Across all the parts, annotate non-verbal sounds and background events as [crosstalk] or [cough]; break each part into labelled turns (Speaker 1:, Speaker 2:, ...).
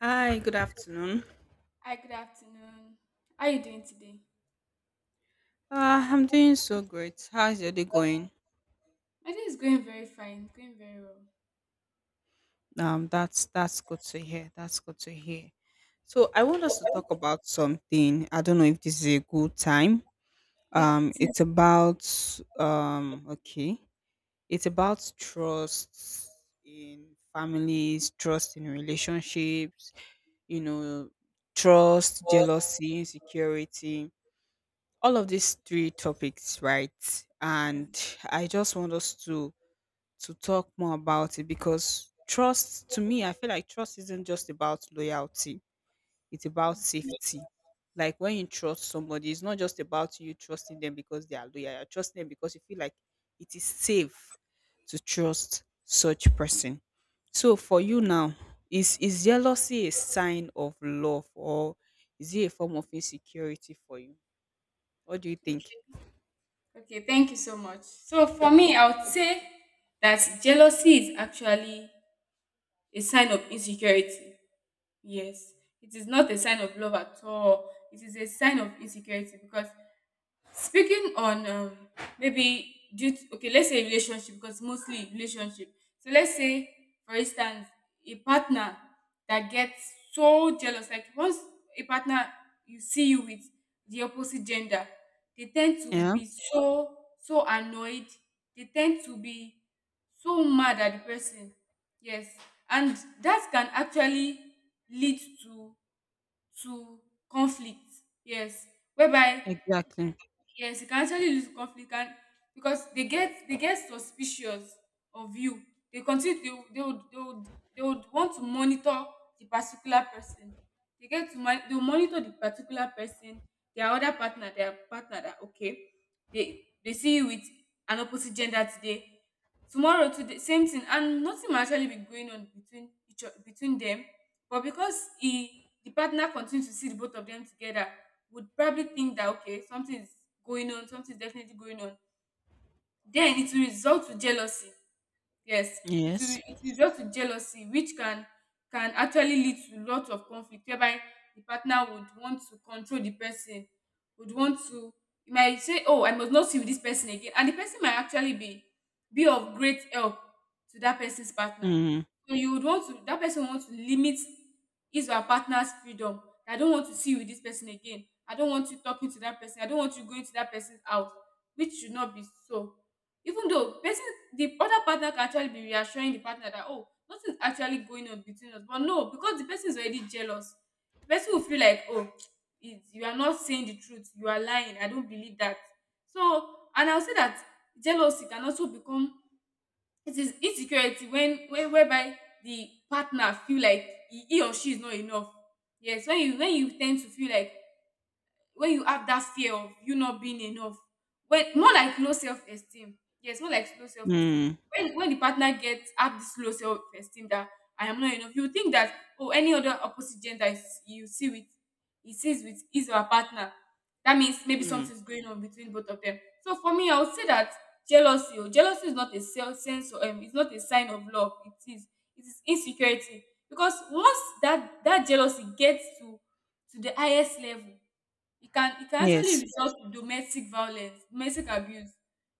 Speaker 1: Hi, good afternoon.
Speaker 2: Hi, good afternoon. How are you doing today?
Speaker 1: I'm doing so great. How's your day going?
Speaker 2: My day is going very fine, going very well.
Speaker 1: That's good to hear. That's good to hear. So I want us to talk about something. I don't know if this is a good time.
Speaker 2: Yeah, it
Speaker 1: It's
Speaker 2: is.
Speaker 1: about okay. It's about trust in families, trust in relationships. You know, Trust, jealousy, insecurity. All of these three topics, right?
Speaker 2: Yeah.
Speaker 1: And I just want us to talk more about it, because trust, to me, I feel like trust isn't just about loyalty, it's about
Speaker 2: Mm.
Speaker 1: safety. Like, when you trust somebody, it's not just about you trusting them because they are loyal, you're trusting them because you feel like it is safe to trust such person. So for you now, is jealousy a sign of love, or is it a form of insecurity for you? What do you think?
Speaker 2: Okay. Okay, thank you so much. So for me, I would say that jealousy is actually a sign of insecurity. Yes. It is not a sign of love at all. It is a sign of insecurity because Speaking on maybe due to, okay, let's say relationship, because mostly relationship. So let's say, for instance, a partner that gets so jealous, like once a partner you see you with the opposite gender, they tend to
Speaker 1: Yeah.
Speaker 2: be so annoyed. They tend to be so mad at the person. Yes, and that can actually lead to to conflict. Yes, whereby.
Speaker 1: Exactly.
Speaker 2: Yes, you can actually lose conflict, and because they get suspicious of you. They continue they, would- they would they would they would want to monitor the particular person. They will monitor the particular person, their other partner, their partner that, okay, they see you with an opposite gender today. Tomorrow, today, same thing, and nothing might actually be going on between between them. But because he the partner continues to see the both of them together, would probably think that, okay, something is going on, something is definitely going on. Then it will result to jealousy. Yes, it will
Speaker 1: Yes.
Speaker 2: it will result to jealousy, which can actually lead to lot of conflict, whereby the partner would want to control the person, would want to you might say, oh, I must not see with this person again. And the person might actually be of great help to that person's partner.
Speaker 1: Mm,
Speaker 2: So you would want to that person wants to limit his or her partner's freedom. I don't want to see you with this person again. I don't want you talking to that person. I don't want you going to that person's house, which should not be so. Even though person the other partner can actually be reassuring the partner that, oh, nothing's actually going on between us. But no, because the person is already jealous, the person will feel like, oh, you are not saying the truth, you are lying, I don't believe that. So, and I'll say that jealousy can also become it is insecurity when whereby the partner feel like, he or she is not enough. Yes, when you tend to feel like, when you have that fear of you not being enough, when more like low self-esteem. Yes, more like low self-esteem.
Speaker 1: mm,
Speaker 2: When, the partner gets have this low self-esteem that I am not enough, you think that, oh, any other opposite gender is, you see with, he sees with his or her partner, that means maybe
Speaker 1: mm.
Speaker 2: something's going on between both of them. So for me, I would say that jealousy or jealousy is not a self sense, or it's not a sign of love. It is, insecurity. Because once that jealousy gets to the highest level, it can, actually
Speaker 1: Yes.
Speaker 2: result to domestic violence, domestic abuse,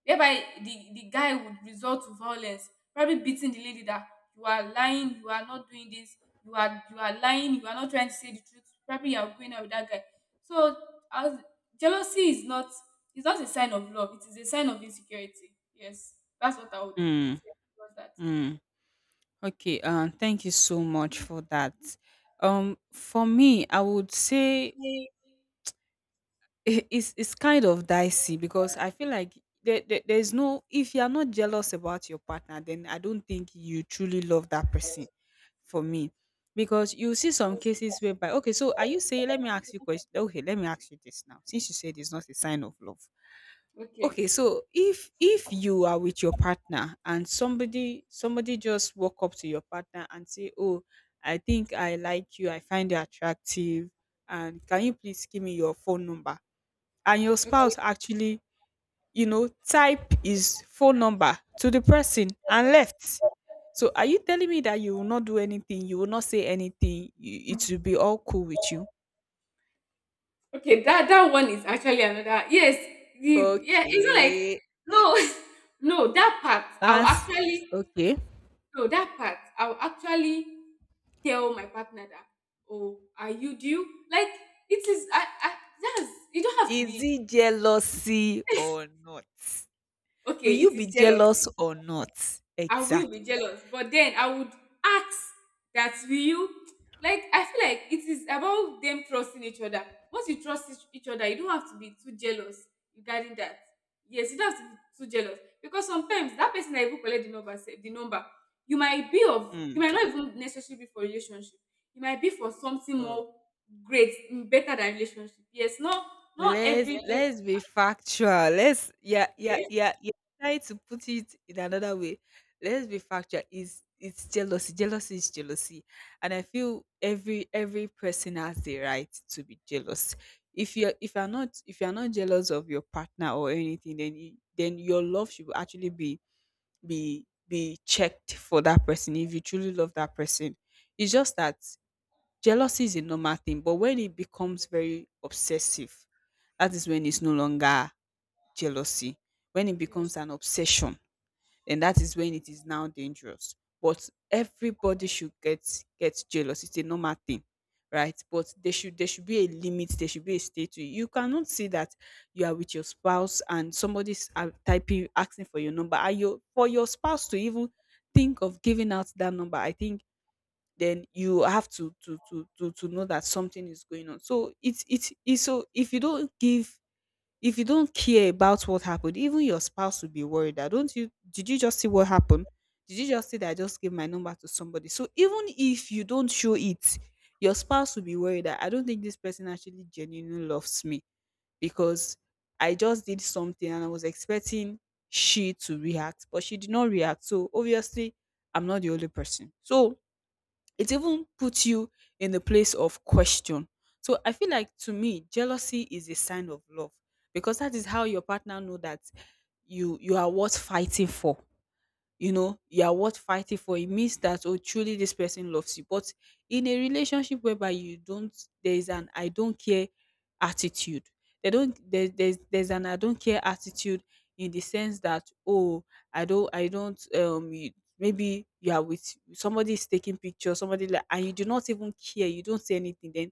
Speaker 2: whereby the guy would resort to violence, probably beating the lady that, you are lying, you are not doing this, you are, lying, you are not trying to say the truth. Probably you are going out with that guy. So, as jealousy is not it's not a sign of love. It is a sign of insecurity. Yes, that's what I would
Speaker 1: Mm,
Speaker 2: say. Was that
Speaker 1: mm. Okay. Thank you so much for that. For me, I would say
Speaker 2: I
Speaker 1: [laughs] it's kind of dicey, because I feel like there, there's no if you are not jealous about your partner, then I don't think you truly love that person. For me, because you see some cases whereby, okay, so are you saying? Let me ask you question. Okay, let me ask you this now. Since you said it's not a sign of love.
Speaker 2: okay?
Speaker 1: Okay, so if you are with your partner and somebody just walk up to your partner and say, "Oh, I think I like you. I find you attractive, and can you please give me your phone number?" And your
Speaker 2: Okay.
Speaker 1: spouse actually, you know, type his phone number to the person and left. So are you telling me that you will not do anything? You will not say anything. You, it will be all cool with you?
Speaker 2: Okay, that one is actually another. Yes, the, yeah, it's not like
Speaker 1: Okay,
Speaker 2: no, [laughs] no, that part I'll
Speaker 1: that's
Speaker 2: actually
Speaker 1: okay.
Speaker 2: no that part I'll actually tell my partner that, oh, are you do, like, it is, I that's, you don't have to
Speaker 1: Is
Speaker 2: be.
Speaker 1: it jealousy or not? Will
Speaker 2: Okay. It
Speaker 1: you be
Speaker 2: is
Speaker 1: jealous
Speaker 2: jealousy.
Speaker 1: or not?
Speaker 2: I will be
Speaker 1: Exactly.
Speaker 2: jealous, but then I would ask that, will you, like, I feel like it is about them trusting each other. Once you trust each other, you don't have to be too jealous regarding that. Yes, you don't have to be too jealous, because sometimes that person that even collect the number, the number, you
Speaker 1: Mm.
Speaker 2: might not even necessarily be for relationship. You might be for something
Speaker 1: So
Speaker 2: more great, better than relationship. Yes, no, not
Speaker 1: let's
Speaker 2: every Yeah.
Speaker 1: let's be factual. Let's... yeah, yeah,
Speaker 2: Okay.
Speaker 1: yeah, yeah. Try to put it in another way. Let's be factual. Is it's jealousy. Jealousy is jealousy, and I feel every person has the right to be jealous. If you're not jealous of your partner or anything, then your love should actually be be checked for that person, if you truly love that person. It's just that jealousy is a normal thing, but when it becomes very obsessive, that is when it's no longer jealousy. When it
Speaker 2: Yes.
Speaker 1: becomes an obsession, then that is when it is now dangerous. But everybody should get jealous. It's a normal thing, right? But there should be a limit. There should be a state to it. You cannot say that you are with your spouse and somebody's typing, asking for your number. And your, for your spouse to even think of giving out that number, I think then you have to know that something is going on. So it's so, if you don't care about what happened, even your spouse will be worried that, don't you, did you just see what happened? Did you just see that I just gave my number to somebody? So even if you don't show it, your spouse will be worried that I don't think this person actually genuinely loves me, because I just did something and I was expecting she to react, but she did not react. So obviously I'm not the only person. So it even puts you in the place of question. So I feel like, to me, jealousy is a sign of love, because that is how your partner know that you are worth fighting for. You know, you are worth fighting for. It means that, oh, truly this person loves you. But in a relationship whereby you don't, there is an I don't care attitude, they don't there's an I don't care attitude, in the sense that, oh, I don't you, maybe you are with somebody, is taking pictures, somebody, like, and you do not even care, you don't say anything, then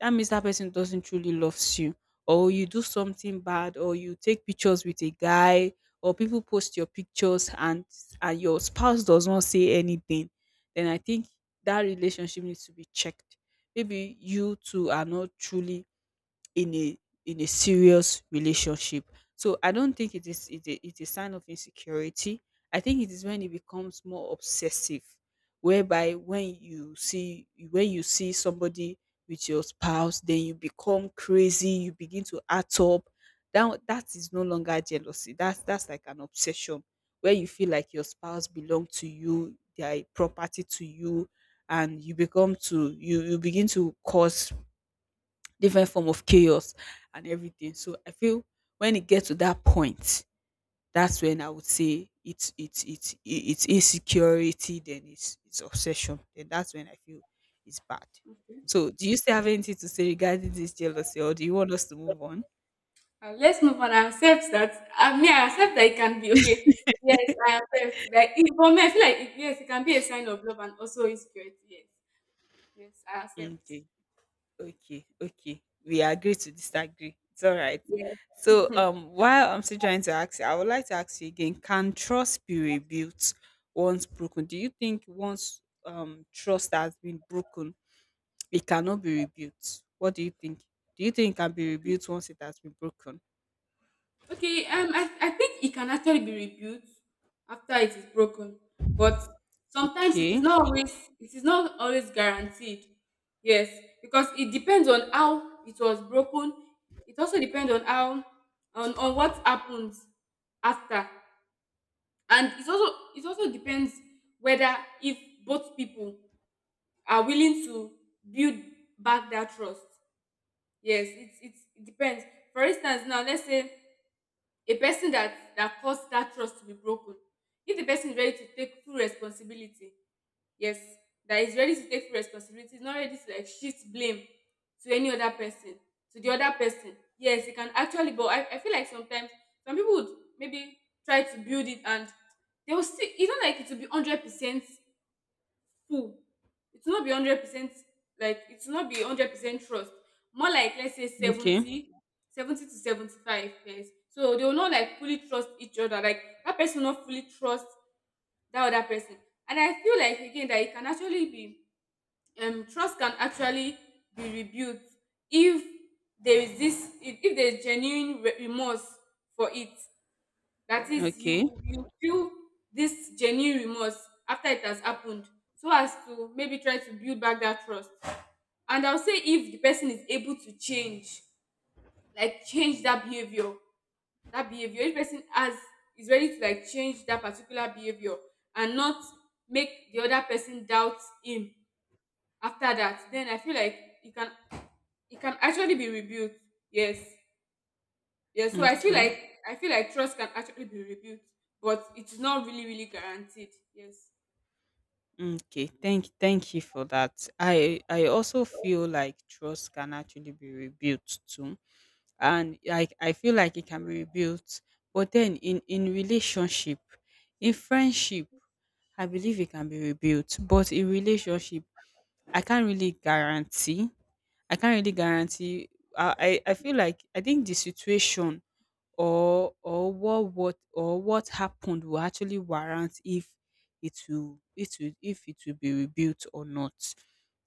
Speaker 1: that means that person doesn't truly loves you. Or you do something bad, or you take pictures with a guy, or people post your pictures and your spouse does not say anything. Then I think that relationship needs to be checked. Maybe you two are not truly in a in a serious relationship. So I don't think it is a sign of insecurity. I think it is when it becomes more obsessive, whereby when you see somebody with your spouse, then you become crazy, you begin to act up. That is no longer jealousy. That's like an obsession, where you feel like your spouse belong to you, they are a property to you, and you begin to cause different form of chaos and everything. So I feel, when it gets to that point, that's when I would say it's insecurity, then it's obsession. Then that's when I feel it's bad.
Speaker 2: Okay.
Speaker 1: So do you still have anything to say regarding this jealousy, or do you want us to move on?
Speaker 2: Let's move on and accept that. I mean, I accept that it can be okay. Yes, I accept. Like, for me, I feel like it, yes, it can be a sign of love and also insecurity. Yes, yes, I accept.
Speaker 1: Okay. Okay, okay. We agree to disagree. It's all right.
Speaker 2: Yes.
Speaker 1: So, while I'm still trying to ask you, I would like to ask you again: can trust be rebuilt once broken? Do you think once trust has been broken, it cannot be rebuilt? What do you think? Do you think it can be rebuilt once it has been broken?
Speaker 2: Okay. I think it can actually be rebuilt after it is broken, but sometimes
Speaker 1: Okay,
Speaker 2: it is not always guaranteed. Yes, because it depends on how it was broken. It also depends on how, on what happens after. And it also depends whether, if both people are willing to build back that trust. Yes, it depends. For instance, now let's say a person that caused that trust to be broken. If the person is ready to take full responsibility, yes, that is ready to take full responsibility, is not ready to like shift blame to any other person, to the other person, yes, it can actually. But I feel like sometimes some people would maybe try to build it, and they will still it's not like it will be 100% full. It will not be 100%, like it will not be 100% trust. More like, let's say
Speaker 1: okay,
Speaker 2: 70, 70 to 75. Yes, so they will not like fully trust each other, like that person will not fully trust that other person. And I feel like, again, that it can actually be, trust can actually be rebuilt if there is this, if there is genuine remorse for it. That is,
Speaker 1: okay,
Speaker 2: you feel this genuine remorse after it has happened, so as to maybe try to build back that trust. And I'll say, if the person is able to change, like change that behavior, that behavior, if person has is ready to like change that particular behavior, and not make the other person doubt him after that, then I feel like you can it can actually be rebuilt. Yes. Yes. So I feel. Okay.
Speaker 1: okay,
Speaker 2: Like, I feel like trust can actually be rebuilt, but it's not really, really guaranteed. Yes.
Speaker 1: okay. Thank you for that. I also feel like trust can actually be rebuilt too, and I feel like it can be rebuilt. But then in relationship, in friendship, I believe it can be rebuilt. But in relationship, I can't really guarantee. I can't really guarantee. I feel like, I think the situation or what happened will actually warrant if it will be rebuilt or not,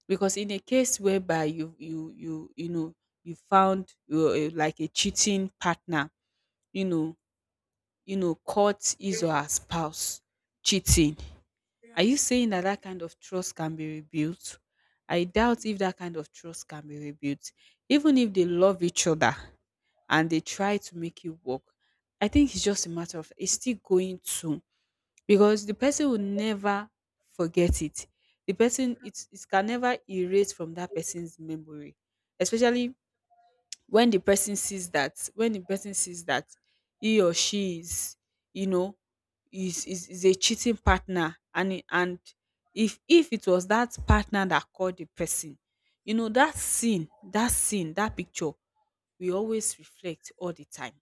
Speaker 1: because in a case whereby you know, you found like a cheating partner, you know, caught his or
Speaker 2: Yeah.
Speaker 1: her spouse cheating.
Speaker 2: Yeah.
Speaker 1: Are you saying that that kind of trust can be rebuilt? I doubt if that kind of trust can be rebuilt. Even if they love each other and they try to make it work, I think it's just a matter of, it's still going to, because the person will never forget it. The person,
Speaker 2: True.
Speaker 1: it can never erase from that person's memory, especially when the person sees that when the person sees that he or she is, you know, is a cheating partner, and it- and if it was that partner that called the person, you know, that scene, that picture we always reflect all the time.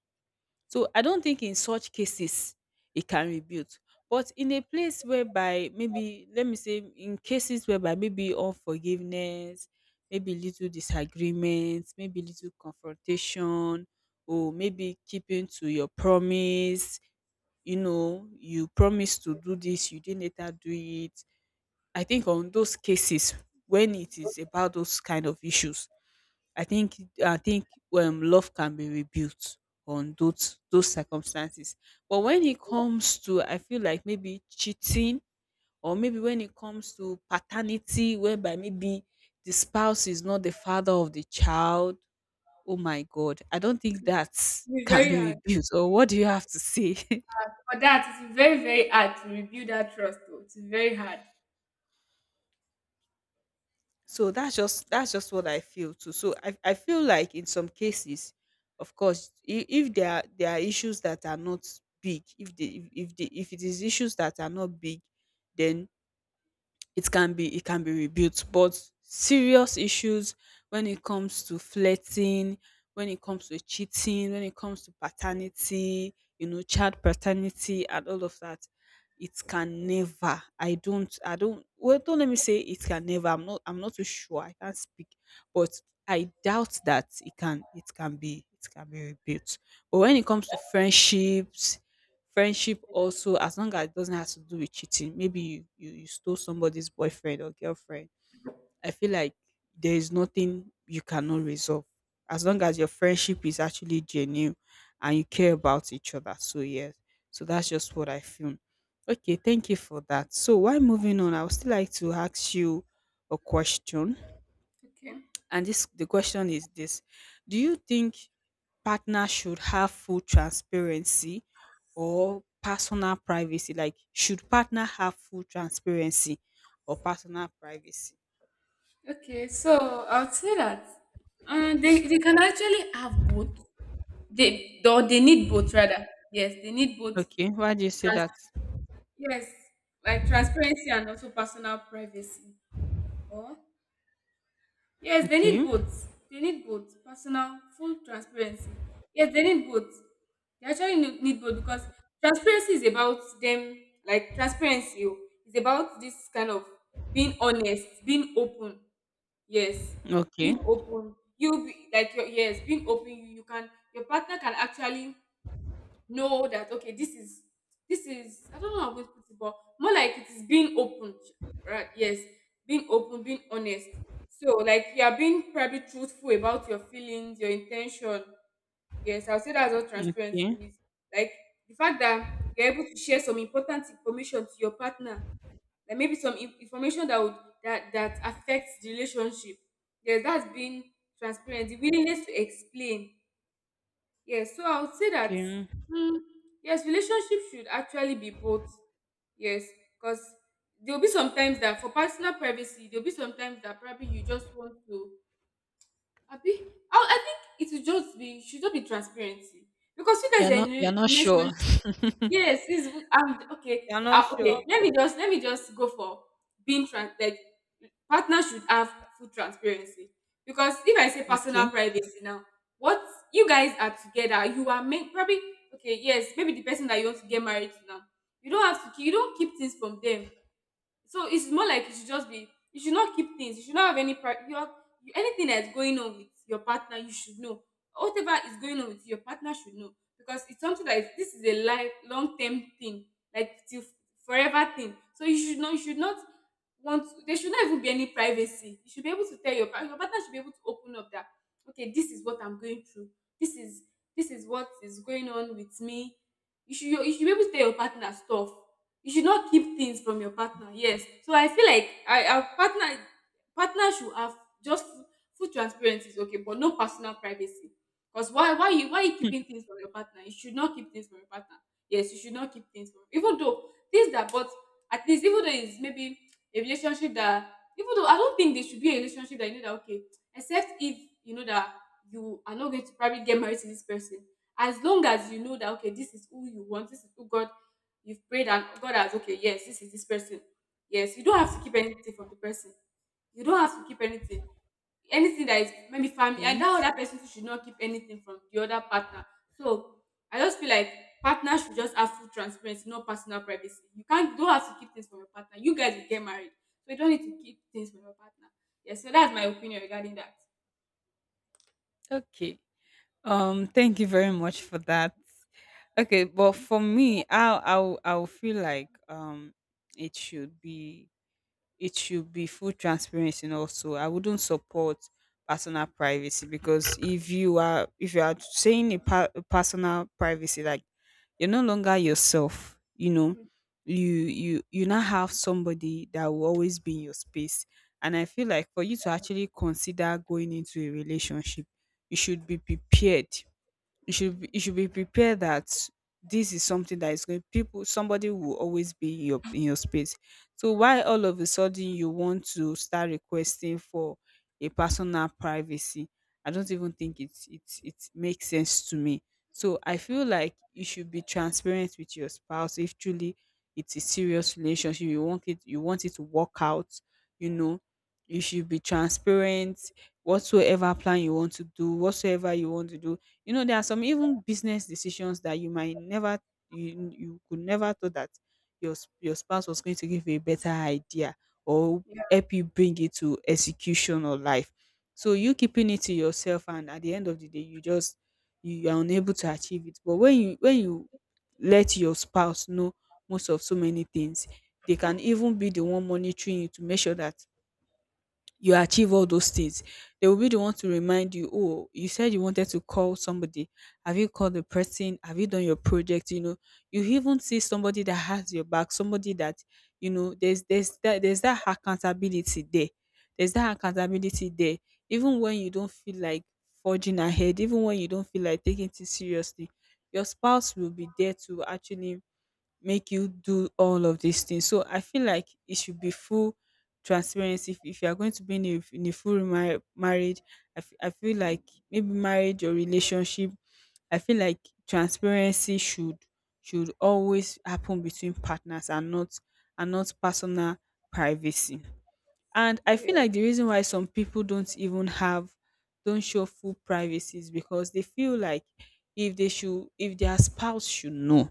Speaker 1: So I don't think in such cases it can rebuild. But in a place whereby, maybe let me say, in cases whereby maybe unforgiveness, maybe little disagreements, maybe little confrontation, or maybe keeping to your promise, you know, you promised to do this, you didn't later do it. I think on those cases, when it is about those kind of issues, I think, I think love can be rebuilt on those circumstances. But when it comes to, I feel like maybe cheating, or maybe when it comes to paternity, whereby maybe the spouse is not the father of the child. Oh my God, I don't think that
Speaker 2: It's
Speaker 1: can
Speaker 2: very
Speaker 1: be
Speaker 2: hard.
Speaker 1: rebuilt. Or what do you have to say?
Speaker 2: For that, it's very, very hard to rebuild that trust. Though. It's very hard.
Speaker 1: So that's just what I feel too. So I feel like in some cases, of course, if there are issues that are not big, if it is issues that are not big, then it can be rebuilt. But serious issues, when it comes to flirting, when it comes to cheating, when it comes to paternity, you know, child paternity and all of that, it can never, I don't I don't well, don't let me say it can never, I'm not too sure, I can't speak, but I doubt that it can be rebuilt. But when it comes to friendships, friendship also, as long as it doesn't have to do with cheating, maybe you stole somebody's boyfriend or girlfriend. I feel like there is nothing you cannot resolve, as long as your friendship is actually genuine and you care about each other. So, yes, so that's just what I feel. Okay, thank you for that. So, while moving on, I would still like to ask you a question.
Speaker 2: Okay.
Speaker 1: And this, the question is this: do you think partners should have full transparency or personal privacy? Like, should partner have full transparency or personal privacy?
Speaker 2: Okay, so I would say that they can actually have both. They, or they need both rather. Yes, they need both.
Speaker 1: Okay, why do you say
Speaker 2: Trans-
Speaker 1: that?
Speaker 2: yes, like transparency and also personal privacy. Or. Yes, they need
Speaker 1: Okay,
Speaker 2: both. They need both personal, full transparency. Yes, they need both. They actually need both, because transparency is about them, like transparency, is about this kind of being honest, being open. Yes,
Speaker 1: okay,
Speaker 2: being open. You be, like, your, yes, being open. You can your partner can actually know that, okay, this is, I don't know how I'm going to put it, but more like it is being open, right? Yes, being open, being honest. So like you are being probably truthful about your feelings, your intention. Yes, I'll say that's what transparency
Speaker 1: okay,
Speaker 2: is. Like the fact that you're able to share some important information to your partner, like maybe some information that would that affects the relationship. Yes, that's being transparent, the willingness to explain. Yes, so I would say that,
Speaker 1: okay.
Speaker 2: mm, yes, relationship should actually be both. Yes, because there'll be sometimes that, for personal privacy, there'll be sometimes that probably you just want to. Abi, I think it should just be, transparency, because you guys
Speaker 1: You're
Speaker 2: are
Speaker 1: not
Speaker 2: in
Speaker 1: you're
Speaker 2: a
Speaker 1: not
Speaker 2: relationship.
Speaker 1: sure.
Speaker 2: Yes, this
Speaker 1: [laughs]
Speaker 2: okay.
Speaker 1: You're not
Speaker 2: Okay,
Speaker 1: sure.
Speaker 2: let me just go for being trans, like, partners should have full transparency. Because if I say personal
Speaker 1: Okay,
Speaker 2: privacy now, what, you guys are together, you are meant probably, okay, yes, maybe the person that you want to get married to now. You don't keep things from them, so it's more like you should not keep things, you should not have any pri- your you- anything that's going on with your partner you should know, whatever is going on with your partner should know, because it's something that is, this is a life long term thing, like till forever thing. So you should know, you should not want to, there should not even be any privacy. You should be able to tell your partner, your partner should be able to open up that, okay, this is what I'm going through. this is this is what is going on with me. You should be able to tell your partner stuff. You should not keep things from your partner. Yes, so I feel like I our partner should have just full transparency is okay, but no personal privacy. Because why you keeping things from your partner. You should not keep things from your partner. Yes, you should not keep things from, even though things that, but at least, even though it's maybe a relationship that, even though I don't think there should be a relationship that you know that, okay, except if you know that you are not going to probably get married to this person. As long as you know that, okay, this is who you want, this is who god you've prayed and God has, okay, yes, this is this person. Yes, you don't have to keep anything from the person. You don't have to keep anything. Anything that is maybe family, and
Speaker 1: okay,
Speaker 2: that other person should not keep anything from the other partner. So I just feel like partners should just have full transparency, not personal privacy. You can't Don't have to keep things from your partner. You guys will get married. So you don't need to keep things from your partner. Yes, so that's my opinion regarding that.
Speaker 1: okay. Thank you very much for that. Okay, but for me, I will feel like it should be it should be full transparency, and also I wouldn't support personal privacy, because if you are saying a, a personal privacy, like you're no longer yourself, you know, you now have somebody that will always be in your space. And I feel like for you to actually consider going into a relationship, you should be prepared, you should be prepared that this is something that is going people somebody will always be in your space. So why all of a sudden you want to start requesting for a personal privacy? I don't even think it makes sense to me. So I feel like you should be transparent with your spouse. If truly it's a serious relationship, you want it to work out, you know, you should be transparent. Whatsoever plan you want to do, whatsoever you want to do, you know, there are some even business decisions that you might never, you could never thought that your your spouse was going to give you a better idea, or
Speaker 2: Yeah.
Speaker 1: help you bring it to execution or life. So you keeping it to yourself, and at the end of the day you just, you are unable to achieve it. But when you let your spouse know most of so many things, they can even be the one monitoring you to make sure that you achieve all those things. They will be the one to remind you, oh, you said you wanted to call somebody. Have you called the person? Have you done your project? You know, you even see somebody that has your back, somebody that, you know, there's that accountability there. There's that accountability there. Even when you don't feel like forging ahead, even when you don't feel like taking things seriously, your spouse will be there to actually make you do all of these things. So I feel like it should be full transparency. If you are going to be in a full marriage, I feel like maybe marriage or relationship, I feel like transparency should always happen between partners, and not personal privacy. And I
Speaker 2: Yeah.
Speaker 1: feel like the reason why some people don't even have, don't show full privacy is because they feel like if their spouse should know,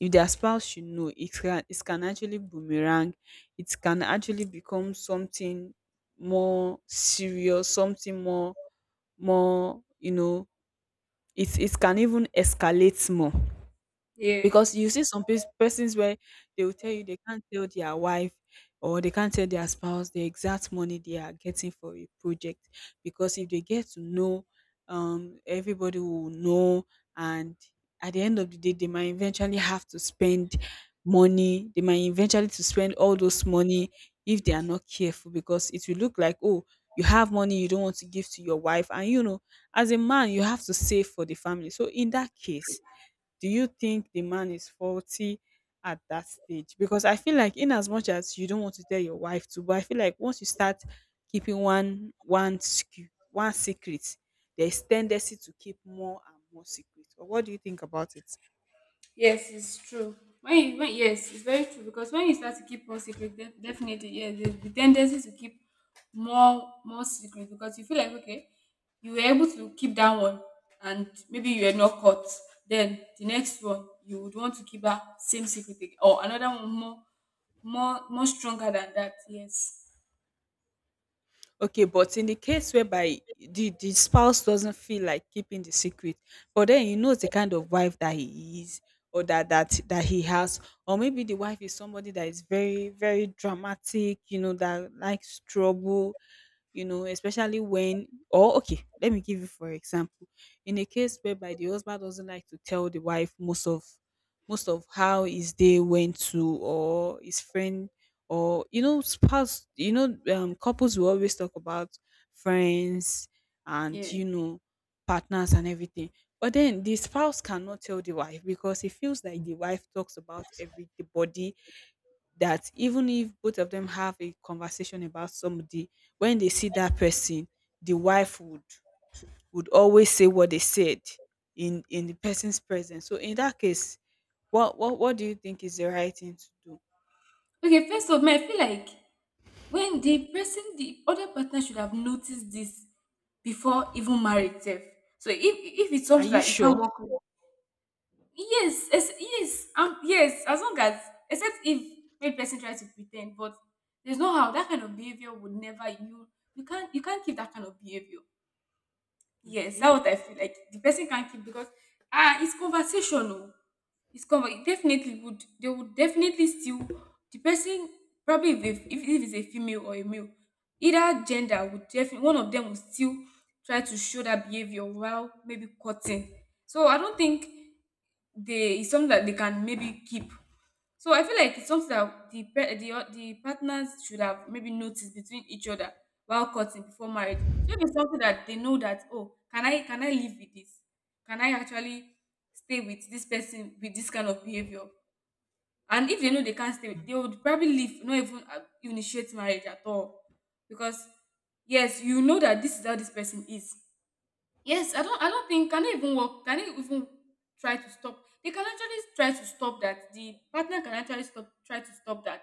Speaker 1: if their spouse should know, it can actually boomerang. It can actually become something more serious, something more, more, you know, it can even escalate more, because you
Speaker 2: Yes.
Speaker 1: see some persons where they will tell you they can't tell their wife, or they can't tell their spouse the exact money they are getting for a project, because if they get to know, everybody will know, and at the end of the day, they might eventually have to spend money. They might eventually to spend all those money if they are not careful, because it will look like, oh, you have money, you don't want to give to your wife, and you know, as a man you have to save for the family. So in that case, do you think the man is faulty at that stage? Because I feel like in as much as you don't want to tell your wife to, but I feel like once you start keeping one skew, one secret, there's tendency to keep more and more secrets. Or what do you think about it?
Speaker 2: Yes, it's true. When you when Yes, it's very true, because when you start to keep more secret, definitely, yes, there's the tendency to keep more secret, because you feel like, okay, you were able to keep that one and maybe you were not caught. Then the next one you would want to keep that same secret again, or another one more stronger than that. Yes,
Speaker 1: Okay, but in the case whereby the spouse doesn't feel like keeping the secret, but then he knows the kind of wife that he is, or that he has, or maybe the wife is somebody that is very dramatic, you know, that likes trouble, you know, especially when, or okay, let me give you for example, in a case whereby the husband doesn't like to tell the wife most of, most of how his day went to, or his friend, or you know, spouse, you know, couples will always talk about friends, and
Speaker 2: yeah.
Speaker 1: you know, partners, and everything, but then the spouse cannot tell the wife because it feels like the wife talks about everybody, that even if both of them have a conversation about somebody, when they see that person, the wife would always say what they said in the person's presence. So in that case, what do you think is the right thing to do?
Speaker 2: Okay, first of all, I feel like, when the other partner should have noticed this before even marriage sef. So if it's
Speaker 1: Are
Speaker 2: something
Speaker 1: you
Speaker 2: that you can't
Speaker 1: sure?
Speaker 2: work with, yes, yes, yes, yes, as long as, except if maybe person tries to pretend, but there's no how that kind of behavior would never. You, you can't keep that kind of behavior. Yes,
Speaker 1: Okay.
Speaker 2: that's what I feel like the person can't keep. Because, ah, it's comfort, definitely would they would definitely still, the person, probably, if it's a female or a male, either gender would definitely, one of them will still try to show that behavior while maybe cutting. So I don't think they it's something that they can maybe keep. So I feel like it's something that the pe- the o- the partners should have maybe noticed between each other while courting before marriage. So maybe something that they know that, oh, can I live with this? Can I actually stay with this person with this kind of behavior? And if they know they can't stay, they would probably leave, not even initiate marriage at all, because, yes, you know that this is how this person is. Yes, I don't think, can it even work, can it even, try to stop they can actually try to stop that. The partner can actually stop try to stop that.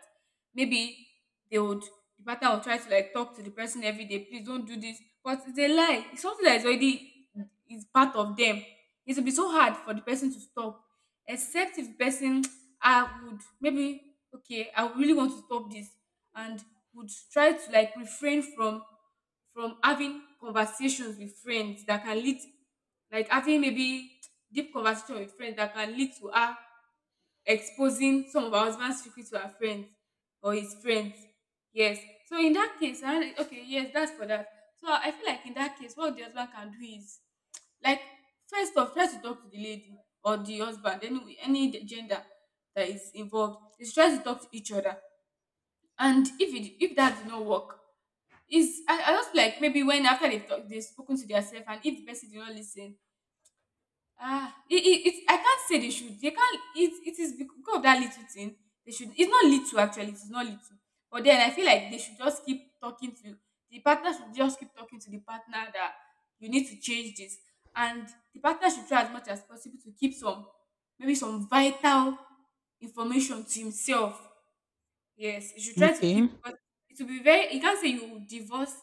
Speaker 2: Maybe they would the partner will try to, like, talk to the person every day, please don't do this. But it's a lie. It's something that is part of them. It will be so hard for the person to stop. Except if the person, [tsk] I would maybe okay, I really want to stop this, and would try to, like, refrain from having conversations with friends that can lead, like having maybe deep conversation with friends that can lead to her exposing some of her husband's secret to her friends or his friends. Yes. So in that case, okay, yes, that's for that. So I feel like in that case, what the husband can do is, like, first off, try to talk to the lady or the husband, any gender that is involved. They should try to talk to each other. And if it if that did not work, it's, I just, like, maybe, when after they've spoken to themselves, and if the person did not listen, ah, it I can't say they should. They can't It is because of that little thing. They should It's not little, actually, it's not little. But then I feel like they should just keep talking to, the partner should just keep talking to the partner that, you need to change this. And the partner should try as much as possible to keep some, maybe some vital information to himself. Yes, you should try to
Speaker 1: Okay.
Speaker 2: keep, because it will be very you can't say you divorce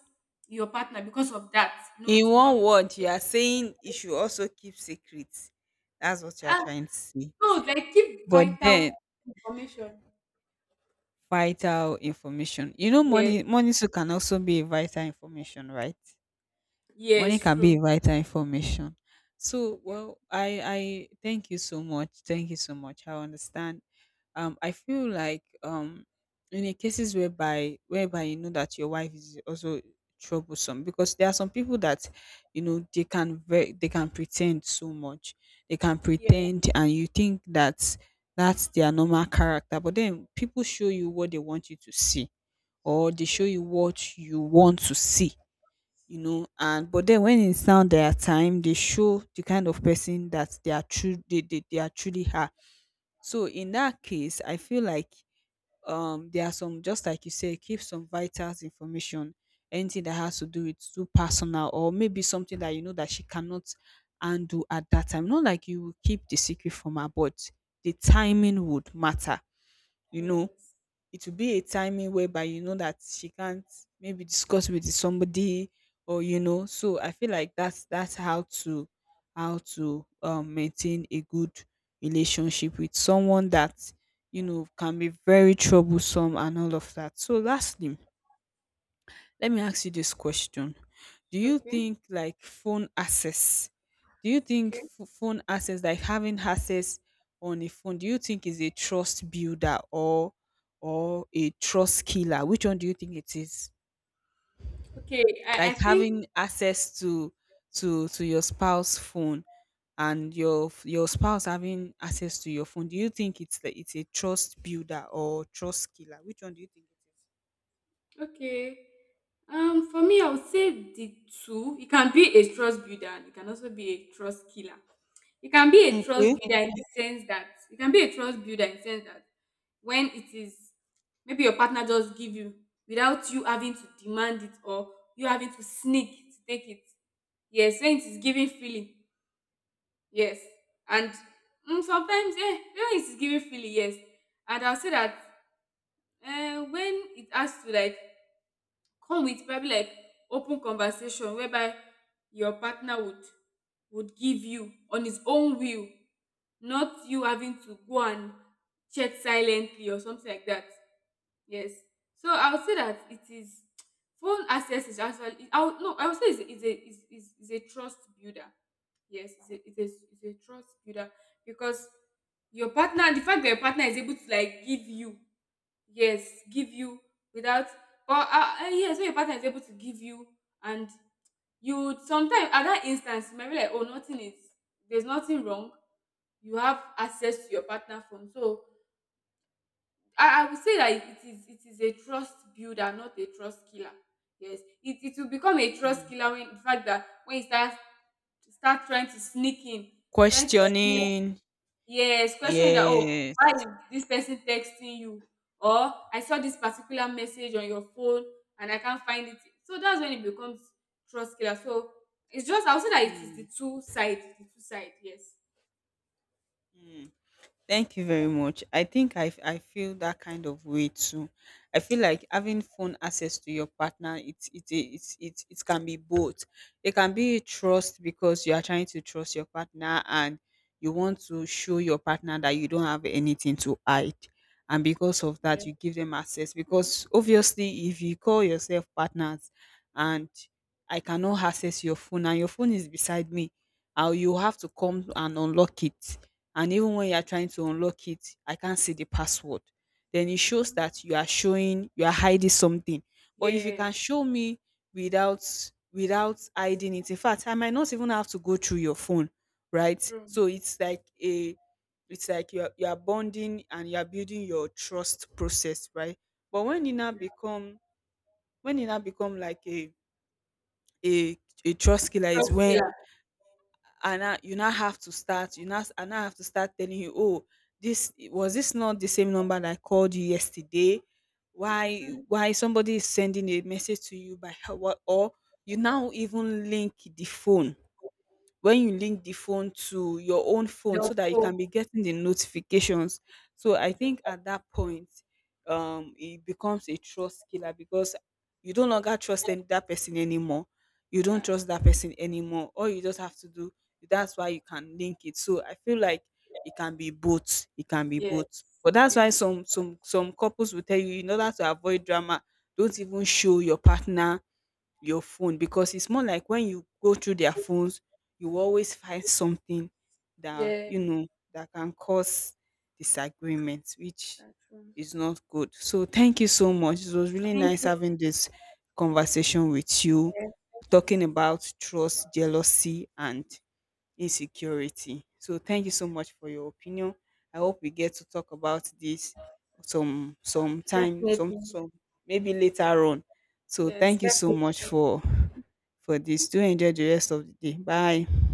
Speaker 2: your partner because of that. No, it
Speaker 1: In
Speaker 2: is not,
Speaker 1: one word, you are saying you should also keep secrets. That's what you are
Speaker 2: ah
Speaker 1: trying to say.
Speaker 2: no, like, keep
Speaker 1: But
Speaker 2: vital
Speaker 1: then
Speaker 2: information.
Speaker 1: vital information. You know,
Speaker 2: Yeah,
Speaker 1: money too can also be a vital information, right? Money
Speaker 2: yes,
Speaker 1: can be
Speaker 2: true.
Speaker 1: a vital information. So
Speaker 2: Yeah.
Speaker 1: well, I thank you so much. Thank you so much. I understand. I feel like in the cases whereby you know that your wife is also troublesome, because there are some people that, you know, they can very they can pretend so much. They can
Speaker 2: Yeah.
Speaker 1: pretend, and you think that that's their normal character, but then people show you what they want you to see, or they show
Speaker 2: Yes.
Speaker 1: you what you want to see, you know, and but then when it's now their time, they show the kind of person that they are, true they are truly are. So in that case I feel like, there are some, just like you say, keep some vital information, anything that has to do with too personal, or maybe something that you know that she cannot handle at that time. Not like you will keep the secret from her, but the
Speaker 2: Mm,
Speaker 1: timing would matter. You know,
Speaker 2: yes.
Speaker 1: it will be a timing whereby you know that she can't maybe discuss with somebody, or you know. So I feel like that's how to, how to, maintain a good relationship with someone that, you know, can be very troublesome and all of that. So lastly, let me ask you this question. Do you
Speaker 2: Okay.
Speaker 1: think, like, phone access? Do you think
Speaker 2: Okay.
Speaker 1: phone access, like having access on a phone, do you think is a trust builder or a trust killer? Which one do you think it is?
Speaker 2: Okay. I
Speaker 1: Like
Speaker 2: think,
Speaker 1: having access to to your spouse's phone, and your your spouse having access to your phone, do you think it's the, it's a trust builder or trust killer? Which one do you think
Speaker 2: okay. For me, I would say the two. It can be a trust builder, and it can also be a trust killer. It can be a
Speaker 1: it
Speaker 2: trust
Speaker 1: is?
Speaker 2: builder in the sense that, it can be a trust builder in the sense that, when it is maybe your partner just give you without you having to demand it, or you having to sneak to take it. Yes, when it is giving feeling, yes. And, sometimes, when it is giving feeling, yes. And I'll say that, when it has to, like, come with probably, like, open conversation whereby your partner would give you on his own will, not you having to go and chat silently or something like that. Yes. So I would say that it is [tsk] phone access is actually, I would, no I would say it's a, it's a trust builder. Yes, it's a trust builder, because your partner the fact that your partner is able to, like, give you, yes, give you without, or yes, when your partner is able to give you, and you sometimes at that instance you might be like, oh, nothing is there's nothing wrong, you have access to your partner phone. So I would say that it is a trust builder, not a trust killer. Yes, it will become a trust
Speaker 1: Mm.
Speaker 2: killer when the fact that, when you start trying to sneak in, trying to sneak,
Speaker 1: Questioning.
Speaker 2: yes, questioning that, oh, why
Speaker 1: Yes.
Speaker 2: is this person texting you, or I saw this particular message on your phone and I can't find it. So that's when it becomes trust killer. So it's just, I would say that it is the
Speaker 1: Mm,
Speaker 2: two side the two side yes.
Speaker 1: mm. Thank you very much. I think I feel that kind of way too. I feel like having phone access to your partner, it can be both. It can be trust, because you are trying to trust your partner, and you want to show your partner that you don't have anything to hide. And because of
Speaker 2: Yeah.
Speaker 1: that, you give them access. Because obviously, if you call yourself partners, and I cannot access your phone, and your phone is beside me, how, you have to come and unlock it, and even when you are trying to unlock it, I can't see the password. Then it shows
Speaker 2: Hmm.
Speaker 1: that you are showing, you are hiding something. But if you can
Speaker 2: Yes.
Speaker 1: show me, without, without hiding it, in fact, I might not even have to go through your phone, right?
Speaker 2: True.
Speaker 1: So it's like a, it's like you are bonding, and you are building your trust process, right? But when it now become like a a trust killer, is
Speaker 2: Trust.
Speaker 1: when,
Speaker 2: Yeah.
Speaker 1: and I now you now have to start, you now I now have to start telling you, oh, this was, this not the same number that I called you yesterday?
Speaker 2: Mm-hmm.
Speaker 1: Why somebody is sending a message to you, by her- what, or you now even link the phone, when you link the phone to your own phone
Speaker 2: Your
Speaker 1: so that you
Speaker 2: phone.
Speaker 1: can be getting the notifications. So I
Speaker 2: True.
Speaker 1: think at that point, it becomes a trust killer because you don't longer trust that person anymore. You don't
Speaker 2: Yeah.
Speaker 1: trust that person anymore. All you just have to do, that's why you can link it. So I feel like it can be both. It can be
Speaker 2: Yes.
Speaker 1: both. But that's why
Speaker 2: Yes.
Speaker 1: some some couples will tell you, in order to avoid drama, don't even show your partner your phone, because it's more like when you go through their phones, you always find something that, you
Speaker 2: Yeah.
Speaker 1: know, that can cause disagreements, which
Speaker 2: That's true.
Speaker 1: is not good. So thank you so much. It was really
Speaker 2: Thank
Speaker 1: nice
Speaker 2: you.
Speaker 1: having this conversation with you,
Speaker 2: Thank you
Speaker 1: talking
Speaker 2: so much.
Speaker 1: about trust, jealousy, and insecurity. So thank you so much for your opinion. I hope we get to talk about this some time, some
Speaker 2: Definitely.
Speaker 1: some maybe later on. So
Speaker 2: Yes.
Speaker 1: thank you so
Speaker 2: Definitely.
Speaker 1: much for this. Do enjoy the rest of the day. Bye.